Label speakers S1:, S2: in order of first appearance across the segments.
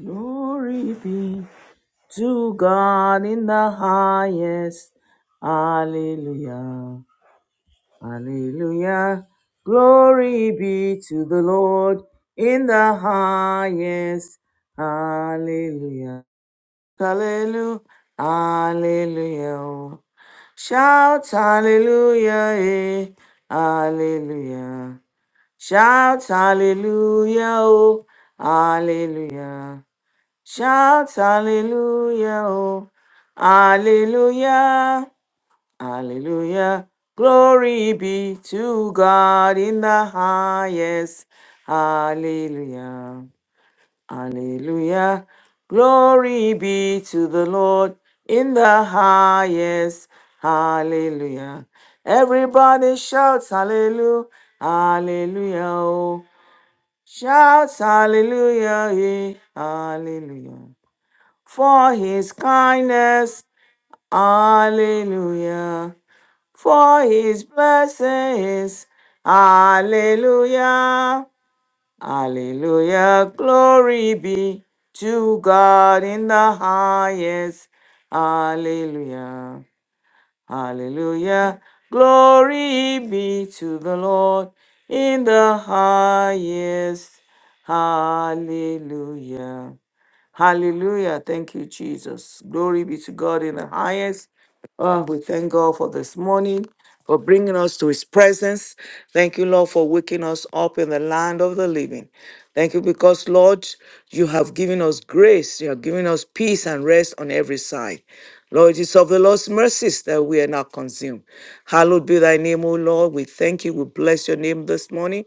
S1: Glory be to God in the highest. Hallelujah. Hallelujah. Glory be to the Lord in the highest. Hallelujah. Hallelujah. Hallelujah. Shout hallelujah. Eh. Hallelujah. Shout hallelujah. Oh. Hallelujah. Shout hallelujah, oh, hallelujah, hallelujah. Glory be to God in the highest. Hallelujah, hallelujah. Glory be to the Lord in the highest. Hallelujah. Everybody shouts hallelujah, hallelujah, oh. Shouts hallelujah, eh, hallelujah for his kindness. Hallelujah. For his blessings. Hallelujah. Hallelujah. Glory be to God in the highest. Hallelujah. Hallelujah. Glory be to the Lord in the highest. Hallelujah. Hallelujah. Thank you, Jesus. Glory be to God in the highest. Oh, we thank God for this morning, for bringing us to his presence. Thank you, Lord, for waking us up in the land of the living. Thank you because, Lord, you have given us grace. You have given us peace and rest on every side. Lord, it is of the Lord's mercies that we are not consumed. Hallowed be thy name, O Lord. We thank you. We bless your name this morning.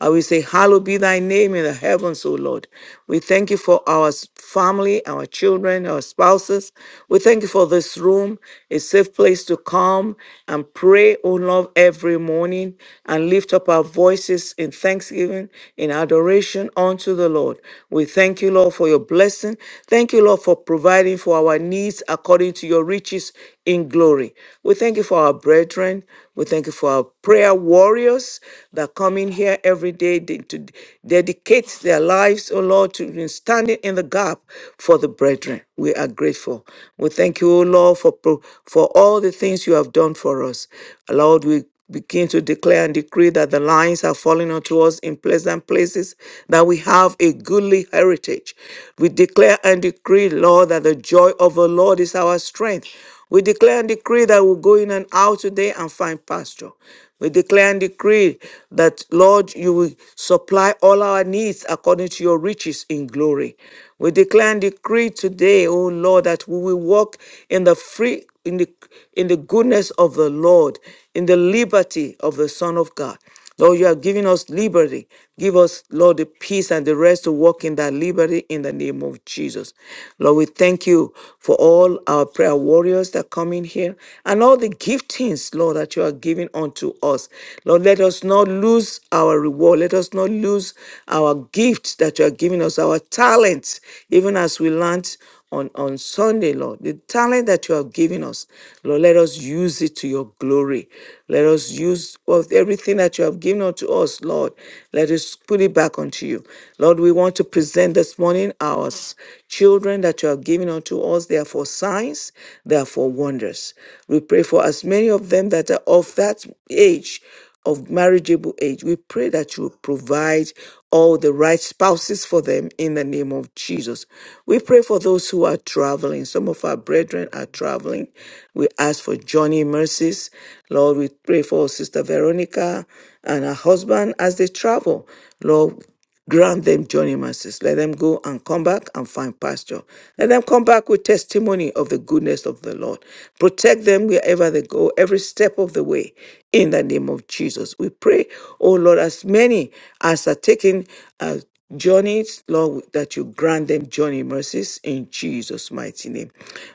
S1: And we say, Hallowed be thy name in the heavens, O Lord. We thank you for our s- family, our children, our spouses. We thank you for this room, a safe place to come and pray, O Lord, every morning and lift up our voices in thanksgiving, in adoration unto the Lord. We thank you, Lord, for your blessing. Thank you, Lord, for providing for our needs according to your riches in glory. We thank you for our brethren. We thank you for our prayer warriors that come in here every day de- to dedicate their lives, oh Lord, to in standing in the gap for the brethren. We are grateful. We thank you, oh Lord, for, pro- for all the things you have done for us. Lord, we begin to declare and decree that the lines are falling unto us in pleasant places, that we have a goodly heritage. We declare and decree, Lord, that the joy of the Lord is our strength. We declare and decree that we will go in and out today and find pasture. We declare and decree that, Lord, you will supply all our needs according to your riches in glory. We declare and decree today, O Lord, that we will walk in the free in the in the goodness of the Lord, in the liberty of the Son of God. Lord, you have given us liberty. Give us, Lord, the peace and the rest to walk in that liberty in the name of Jesus. Lord, we thank you for all our prayer warriors that come in here and all the giftings, Lord, that you are giving unto us. Lord, let us not lose our reward. Let us not lose our gifts that you are giving us, our talents, even as we learned on, on Sunday, Lord. The talent that you have given us, Lord, let us use it to your glory. Let us use of everything that you have given unto us, Lord. Let us put it back unto you. Lord, we want to present this morning our s- children that you have given unto us. They are for signs, they are for wonders. We pray for as many of them that are of that age of marriageable age. We pray that you will provide all the right spouses for them in the name of Jesus. We pray for those who are traveling. Some of our brethren are traveling. We ask for Johnny mercies. Lord, we pray for Sister Veronica and her husband as they travel. Lord, Grant them journey mercies. Let them go and come back and find pasture. Let them come back with testimony of the goodness of the Lord. Protect them wherever they go, every step of the way. In the name of Jesus, we pray, oh Lord, as many as are taking uh, journeys, Lord, that you grant them journey mercies in Jesus' mighty name.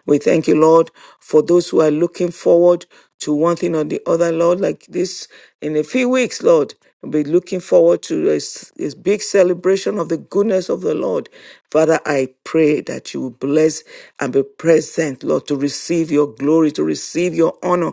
S1: We thank you, Lord, for those who are looking forward to one thing or the other, Lord, like this in a few weeks, Lord. We'll be looking forward to this, this big celebration of the goodness of the Lord. Father, I pray that you will bless and be present, Lord, to receive your glory, to receive your honor,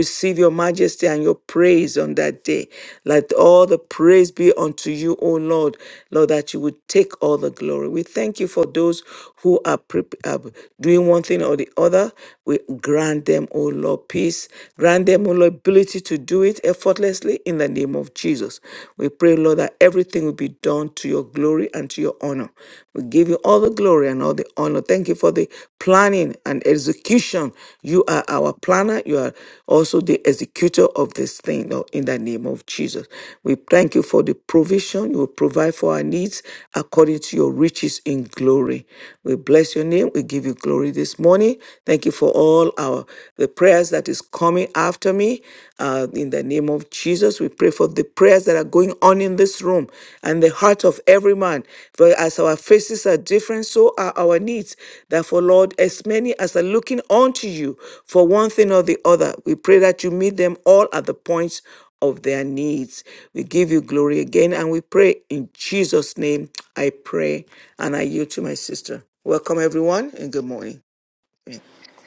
S1: receive your majesty and your praise on that day. Let all the praise be unto you, O Lord, Lord, that you would take all the glory. We thank you for those who are, prep are doing one thing or the other. We grant them, O Lord, peace. Grant them, O Lord, ability to do it effortlessly in the name of Jesus. We pray, Lord, that everything will be done to your glory and to your honor. We give you all all the glory and all the honor. Thank you for the planning and execution. You are our planner. You are also the executor of this thing Lord, in the name of Jesus. We thank you for the provision. You will provide for our needs according to your riches in glory. We bless your name. We give you glory this morning. Thank you for all our the prayers that is coming after me uh, in the name of Jesus. Jesus, we pray for the prayers that are going on in this room and the heart of every man. For as our faces are different, so are our needs. Therefore, Lord, as many as are looking unto you for one thing or the other, we pray that you meet them all at the points of their needs. We give you glory again and we pray in Jesus' name. I pray and I yield to my sister. Welcome, everyone, and good morning.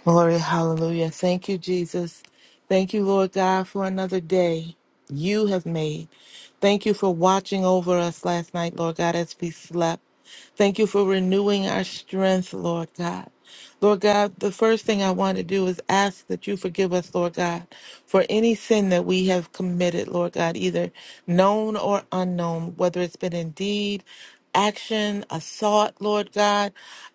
S2: Glory, hallelujah. Thank you, Jesus. Thank you, Lord God, for another day you have made. Thank you for watching over us last night, Lord God, as we slept. Thank you for renewing our strength, Lord God. Lord God, the first thing I want to do is ask that you forgive us, Lord God, for any sin that we have committed, Lord God, either known or unknown, whether it's been in deed, action, a thought, Lord God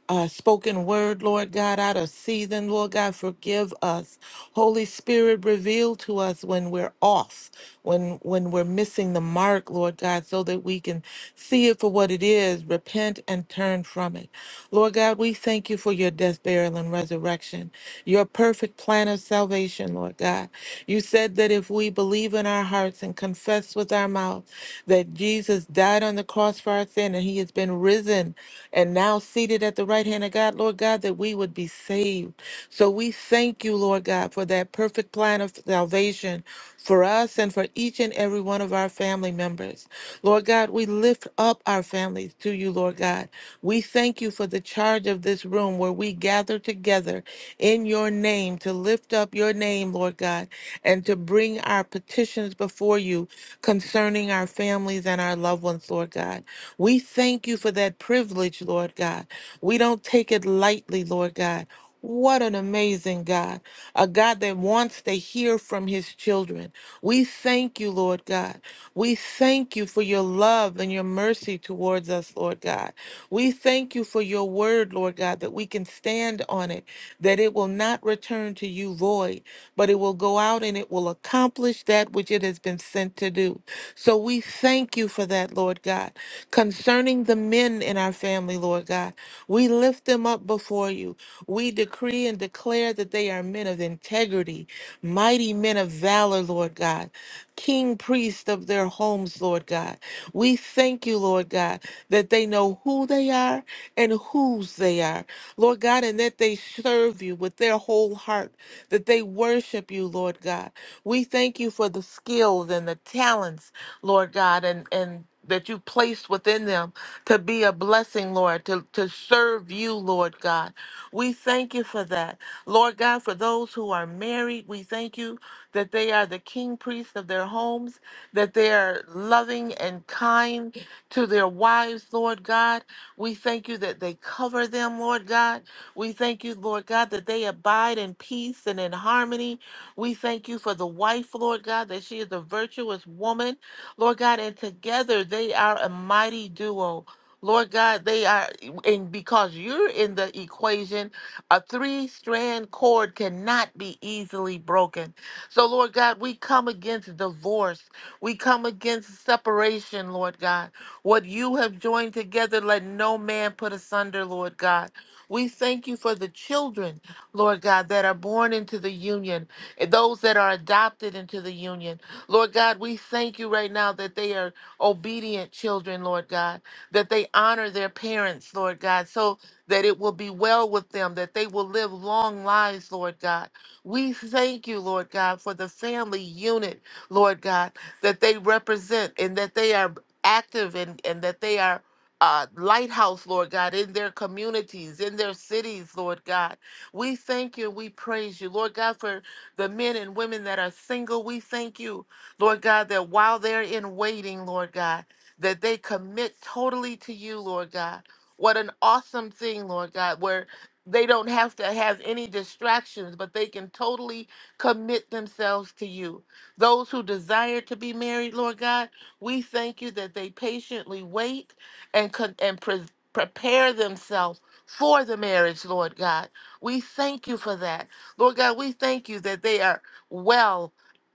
S2: uh, spoken word, Lord God, out of season. Lord God, forgive us. Holy Spirit, reveal to us when we're off, when when we're missing the mark, Lord God, so that we can see it for what it is, repent and turn from it. Lord God, we thank you for your death, burial, and resurrection, your perfect plan of salvation, Lord God. You said that if we believe in our hearts and confess with our mouth that Jesus died on the cross for our sin and he has been risen and now seated at the right hand of God, Lord God, that we would be saved. So we thank you, Lord God, for that perfect plan of salvation for us and for each and every one of our family members. Lord God, we lift up our families to you, Lord God. We thank you for the charge of this room where we gather together in your name to lift up your name, Lord God, and to bring our petitions before you concerning our families and our loved ones, Lord God. We thank you for that privilege, Lord God. We don't take it lightly, Lord God. What an amazing God, a God that wants to hear from his children. We thank you, Lord God. We thank you for your love and your mercy towards us, Lord God. We thank you for your word, Lord God, that we can stand on it, that it will not return to you void, but it will go out and it will accomplish that which it has been sent to do. So we thank you for that, Lord God. Concerning the men in our family, Lord God, we lift them up before you. We decree and declare that they are men of integrity, mighty men of valor, Lord God, king priest of their homes, Lord God. We thank you, Lord God, that they know who they are and whose they are, Lord God, and that they serve you with their whole heart, that they worship you, Lord God. We thank you for the skills and the talents, Lord God, and, and that you placed within them to be a blessing, Lord, to, to serve you, Lord God. We thank you for that. Lord God, for those who are married, we thank you that they are the king priests of their homes, that they are loving and kind to their wives, Lord God. We thank you that they cover them, Lord God. We thank you, Lord God, that they abide in peace and in harmony. We thank you for the wife, Lord God, that she is a virtuous woman Lord God, and together they are a mighty duo. Lord God, they are, and because you're in the equation, a three strand cord cannot be easily broken. So, Lord God, we come against divorce. We come against separation, Lord God. What you have joined together, let no man put asunder, Lord God. We thank you for the children, Lord God, that are born into the union, those that are adopted into the union. Lord God, we thank you right now that they are obedient children, Lord God, that they honor their parents, Lord God, so that it will be well with them, that they will live long lives, Lord God. We thank you, Lord God, for the family unit, Lord God, that they represent and that they are active and, and that they are uh, lighthouse, Lord God, in their communities, in their cities, Lord God. We thank you. We praise you, Lord God, for the men and women that are single. We thank you Lord God, that while they're in waiting, Lord God, that they commit totally to you, Lord God. What an awesome thing, Lord God, where they don't have to have any distractions, but they can totally commit themselves to you. Those who desire to be married, Lord God, we thank you that they patiently wait and con- and pre- prepare themselves for the marriage, Lord God. We thank you for that. Lord God, we thank you that they are well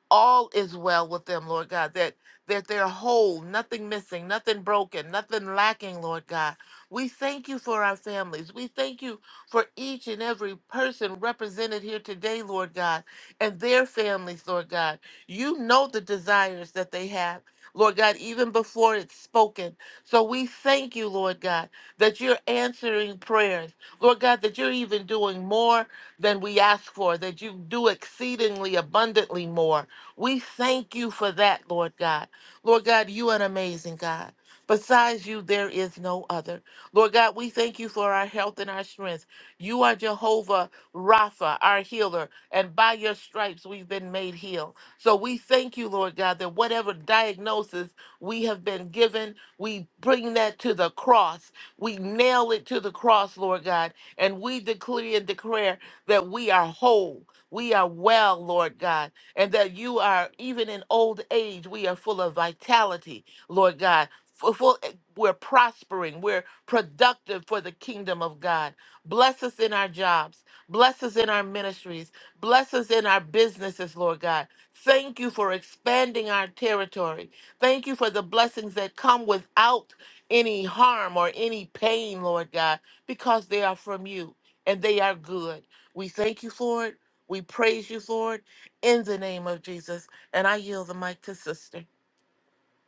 S2: all is well with them, Lord God, that that they're whole, nothing missing, nothing broken, nothing lacking, Lord God. We thank you for our families. We thank you for each and every person represented here today, Lord God, and their families, Lord God. You know the desires that they have, Lord God, even before it's spoken. So we thank you, Lord God, that you're answering prayers. Lord God, that you're even doing more than we ask for, that you do exceedingly abundantly more. We thank you for that, Lord God. Lord God, you are an amazing God. Besides you, there is no other. Lord God, we thank you for our health and our strength. You are Jehovah Rapha, our healer, and by your stripes we've been made heal. So we thank you, Lord God, that whatever diagnosis we have been given, we bring that to the cross. We nail it to the cross, Lord God, and we declare and declare that we are whole. We are well, Lord God and that you are, even in old age, we are full of vitality, Lord God. Fu- Full, eh, we're prospering, we're productive for the kingdom of God. Bless us in our jobs, bless us in our ministries, bless us in our businesses, Lord God. Thank you for expanding our territory. Thank you for the blessings that come without any harm or any pain, Lord God, because they are from you and they are good. We thank you for it. We praise you for it in the name of Jesus. And I yield the mic to sister.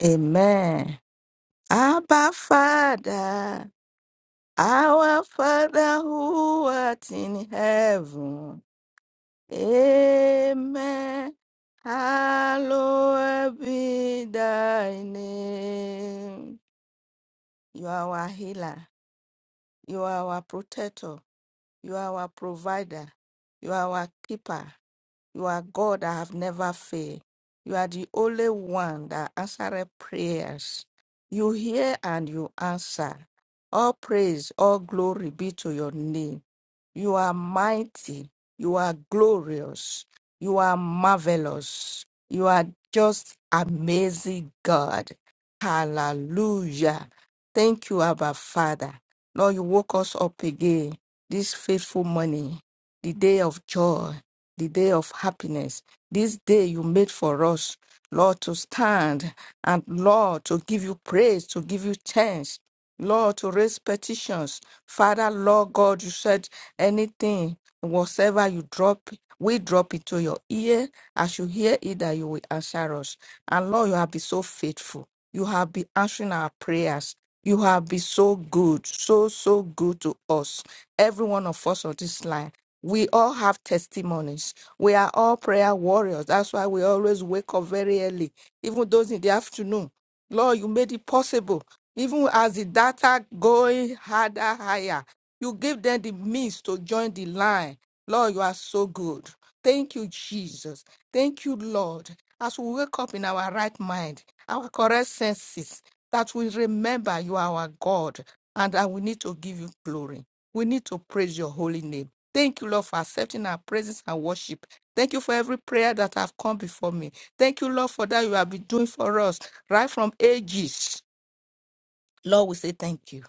S3: Amen. Abba Father, our Father who art in heaven. Amen. Hallowed be thy name. You are our healer. You are our protector. You are our provider. You are our keeper. You are God that have never failed. You are the only one that answered prayers. You hear and you answer. All praise, all glory be to your name. You are mighty. You are glorious. You are marvelous. You are just amazing God. Hallelujah. Thank you, Abba Father. Lord, you woke us up again this faithful morning, the day of joy the day of happiness, this day you made for us, Lord, to stand and Lord, to give you praise, to give you thanks. Lord, to raise petitions. Father, Lord God, you said anything, whatsoever you drop, we drop it to your ear. As you hear it, that you will answer us. And Lord, you have been so faithful. You have been answering our prayers. You have been so good, so, so good to us. Every one of us on this line. We all have testimonies. We are all prayer warriors. That's why we always wake up very early, even those in the afternoon. Lord, you made it possible. Even as the data going harder, higher, you give them the means to join the line. Lord, you are so good. Thank you, Jesus. Thank you, Lord. As we wake up in our right mind, our correct senses, that we remember you are our God and that we need to give you glory. We need to praise your holy name. Thank you, Lord, for accepting our praises and worship. Thank you for every prayer that have come before me. Thank you, Lord, for that you have been doing for us right from ages. Lord, we say thank you.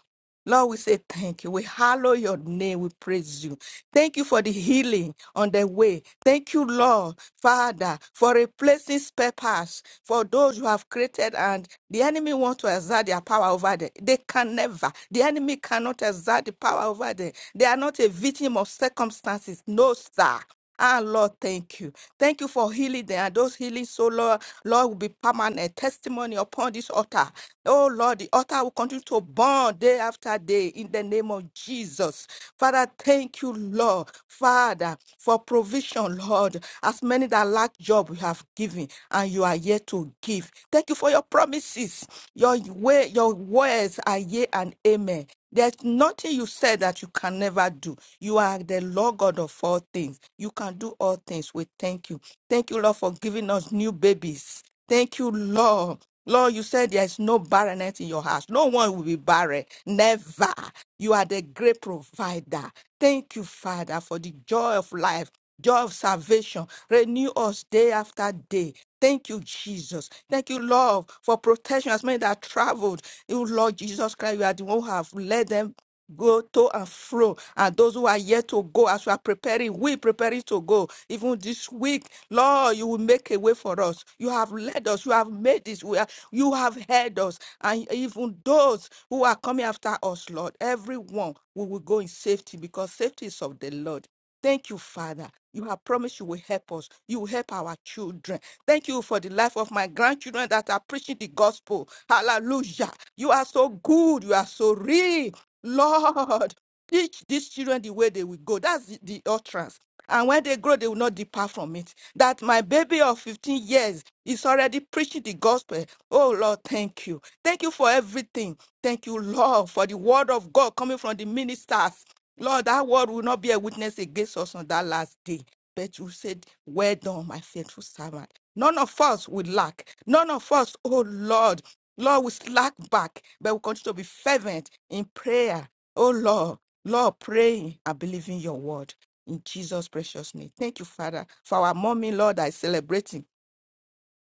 S3: Lord, we say thank you. We hallow your name. We praise you. Thank you for the healing on the way. Thank you, Lord, Father, for replacing spare parts for those you have created and the enemy want to exert their power over them. They can never. The enemy cannot exert the power over them. They are not a victim of circumstances. No, sir. Ah, Lord, thank you. Thank you for healing them. And those healings, so Lord, Lord, will be permanent testimony upon this altar. Oh, Lord, the altar will continue to burn day after day in the name of Jesus. Father, thank you, Lord, Father, for provision, Lord. As many that lack job, you have given, and you are yet to give. Thank you for your promises. Your way, your words are yea and amen. There's nothing you said that you can never do. You are the Lord God of all things. You can do all things. We thank you. Thank you, Lord, for giving us new babies. Thank you, Lord. Lord, you said there is no barrenness in your house. No one will be barren. Never. You are the great provider. Thank you, Father, for the joy of life, joy of salvation. Renew us day after day. Thank you, Jesus. Thank you, Lord, for protection as many that traveled. You, Lord Jesus Christ, you are the one who have led them go to and fro. And those who are yet to go, as we are preparing, we preparing to go. Even this week, Lord, you will make a way for us. You have led us. You have made this. We are, you have heard us. And even those who are coming after us, Lord, everyone, we will go in safety because safety is of the Lord. Thank you, Father. You have promised you will help us. You will help our children. Thank you for the life of my grandchildren that are preaching the gospel. Hallelujah. You are so good. You are so real. Lord, teach these children the way they will go. That's the, the utterance. And when they grow, they will not depart from it. That my baby of 15 years is already preaching the gospel. Oh, Lord, thank you. Thank you for everything. Thank you, Lord, for the word of God coming from the ministers. Lord, that word will not be a witness against us on that last day. But you said, Well done, my faithful servant. None of us will lack. None of us, oh Lord, Lord, will slack back, but we continue to be fervent in prayer. Oh Lord, Lord, praying and believing your word in Jesus' precious name. Thank you, Father, for our mommy, Lord, that is celebrating.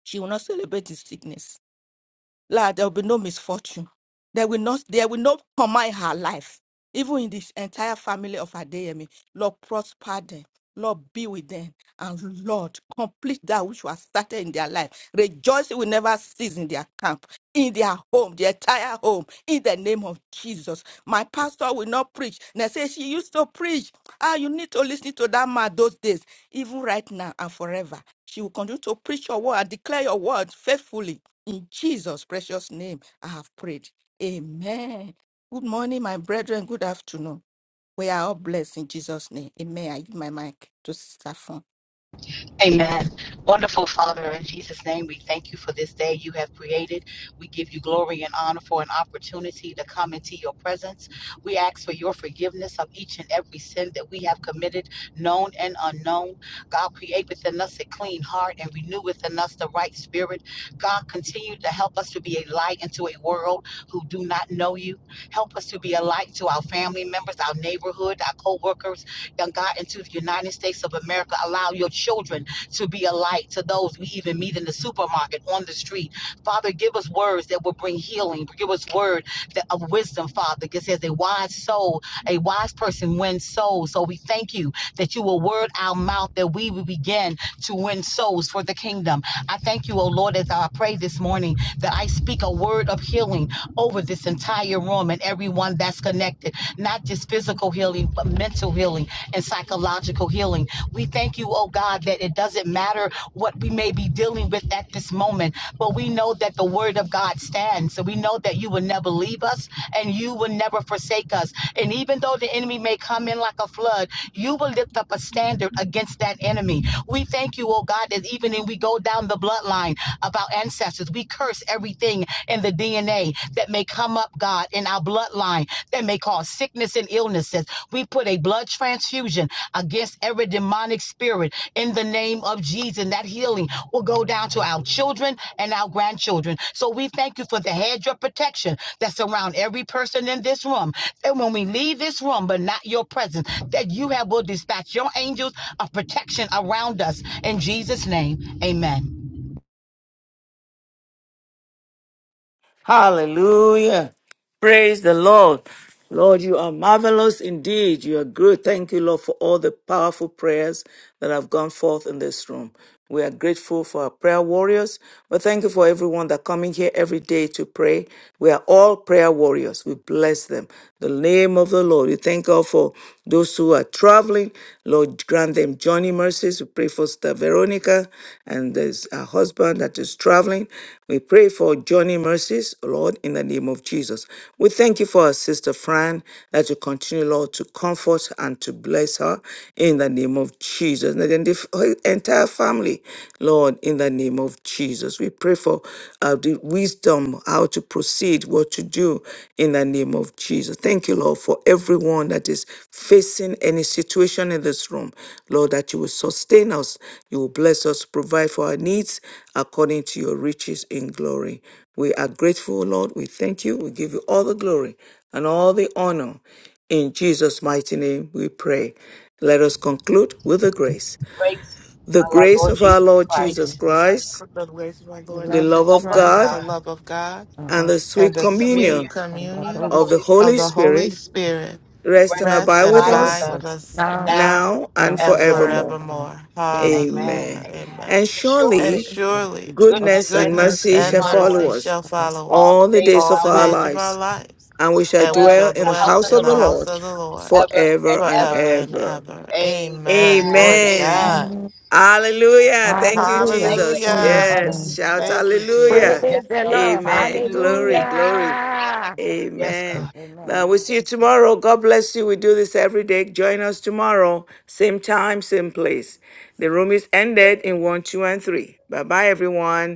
S3: She will not celebrate his sickness. Lord, there will be no misfortune. There will not, there will not command her life. Even in this entire family of Adeyemi, Lord, prosper them. Lord, be with them. And Lord, complete that which was started in their life. Rejoicing will never cease in their camp, in their home, their entire home, in the name of Jesus. My pastor will not preach. And I say, she used to preach. Ah, you need to listen to that man those days, even right now and forever. She will continue to preach your word and declare your word faithfully in Jesus' precious name, I have prayed. Amen. Good morning, my brethren. Good afternoon. We are all blessed in Jesus' name. Amen. I give my mic to Sister Fun.
S4: Amen. Wonderful Father, in Jesus' name, we thank you for this day you have created. We give you glory and honor for an opportunity to come into your presence. We ask for your forgiveness of each and every sin that we have committed, known and unknown. God, create within us a clean heart and renew within us the right spirit. God, continue to help us to be a light into a world who do not know you. Help us to be a light to our family members, our neighborhood, our co workers, and God, into the United States of America. Allow your children to be a light to those we even meet in the supermarket, on the street. Father, give us words that will bring healing. Give us word that, of wisdom, Father. It says a wise soul, a wise person wins souls. So we thank you that you will word our mouth that we will begin to win souls for the kingdom. I thank you, O Lord, as I pray this morning that I speak a word of healing over this entire room and everyone that's connected, not just physical healing, but mental healing and psychological healing we thank you, oh God, that it doesn't matter what we may be dealing with at this moment, but we know that the word of God stands. So we know that you will never leave us and you will never forsake us. And even though the enemy may come in like a flood, you will lift up a standard against that enemy. We thank you, oh God, that even when we go down the bloodline of our ancestors, we curse everything in the DNA that may come up, God, in our bloodline, that may cause sickness and illnesses. We put a blood transfusion against every demonic spirit in the name of Jesus. And that healing will go down to our children and our grandchildren. So we thank you for the hedge of protection that's around every person in this room. And when we leave this room, but not your presence, that you have will dispatch your angels of protection around us. In Jesus' name, amen.
S1: Hallelujah. Praise the Lord. Lord, you are marvelous indeed. You are good. Thank you, Lord, for all the powerful prayers that have gone forth in this room. We are grateful for our prayer warriors. But thank you for everyone that coming here every day to pray. We are all prayer warriors. We bless them. The name of the Lord. We thank God for those who are traveling. Lord, Lord, grant them journey mercies. We pray for Sister Veronica and there's her husband that is traveling. We pray for journey mercies, Lord, in the name of Jesus. We thank you for our sister Fran that you continue, Lord, to comfort and to bless her in the name of Jesus. And then the f- her entire family, Lord, in the name of Jesus. We pray for uh, the wisdom, how to proceed, what to do in the name of Jesus. Thank you, Lord, for everyone that is facing any situation in this room. Lord, that you will sustain us, you will bless us, provide for our needs according to your riches in glory. We are grateful, Lord. We thank you. We give you all the glory and all the honor. In Jesus' mighty name, we pray. Let us conclude with the grace.
S4: Grace
S1: The
S4: of our
S1: grace
S4: Lord
S1: of our
S4: Jesus
S1: Lord
S3: Lord
S1: Jesus
S4: Christ,
S3: Jesus,
S1: Christ,
S2: The grace of my
S3: we
S2: Lord
S1: the
S3: love
S1: love
S2: Jesus
S4: love
S1: of
S4: of
S3: God
S2: Christ,
S1: God,
S2: the
S4: God,
S2: love of God,
S3: and
S1: and
S3: the
S1: the
S2: and
S1: sweet
S2: the
S4: sweet
S2: sweet
S1: communion
S4: communion
S3: and the
S4: of the
S2: communion
S1: of the
S3: Holy
S4: Holy
S2: of
S1: Holy
S2: the
S4: Spirit.
S2: Holy
S1: Spirit
S2: Spirit
S1: rest and
S4: rest and
S2: rest
S1: abide
S2: and
S1: with
S4: abide with
S2: abide
S1: us
S3: Spirit,
S2: with
S3: is
S4: us
S2: us
S3: now
S4: now
S2: now
S1: now
S4: and
S1: and
S3: and
S2: and
S4: forevermore.
S1: forevermore.
S3: forevermore.
S2: forevermore.
S3: Amen.
S4: Amen.
S2: Hallelujah.
S1: Amen.
S4: Amen.
S2: Amen.
S1: And
S4: And
S2: And
S1: surely
S4: surely
S2: surely
S3: Of
S1: goodness
S4: goodness and
S1: and
S3: goodness
S2: goodness
S4: mercy
S1: mercy
S2: and
S1: shall
S3: and
S4: follow
S1: follow
S2: mercy
S4: us
S1: us
S2: shall follow
S4: all
S2: us
S4: the
S1: all the
S4: days of
S1: days
S2: all
S1: of
S4: our
S2: the
S1: our
S2: days
S4: lives.
S2: of our
S1: lives,
S2: lives,
S1: and we
S4: We
S1: shall
S2: and we
S4: Dwell
S2: shall
S1: dwell
S4: in
S1: in
S4: the
S1: the
S4: house
S2: dwell
S1: house
S4: of
S2: in
S4: the
S1: of
S2: the
S1: the
S4: Lord
S2: house
S1: Lord
S2: of the Lord
S4: ever
S1: forever
S4: and
S1: and
S2: forever
S4: ever.
S2: and
S1: ever.
S2: ever. Amen.
S4: Amen.
S2: Glory to
S1: Amen.
S3: mercy.
S4: Amen.
S2: God.
S1: Hallelujah.
S3: I
S1: Thank you,
S4: Thank
S3: am
S4: you,
S1: Jesus.
S4: Lord.
S2: Hallelujah.
S1: Yes. Shout
S4: Hallelujah.
S2: Thank you,
S3: Praise
S1: hallelujah.
S2: Jesus.
S4: Yes,
S3: the
S4: God.
S3: Lord.
S1: Amen. Glory,
S4: Hallelujah.
S1: glory.
S4: Yes, God.
S1: Amen. Uh, we'll see you tomorrow. God bless you. We do this every day. Join us tomorrow. Same time, same place. The room is ended in one, two, and three. Bye bye, everyone.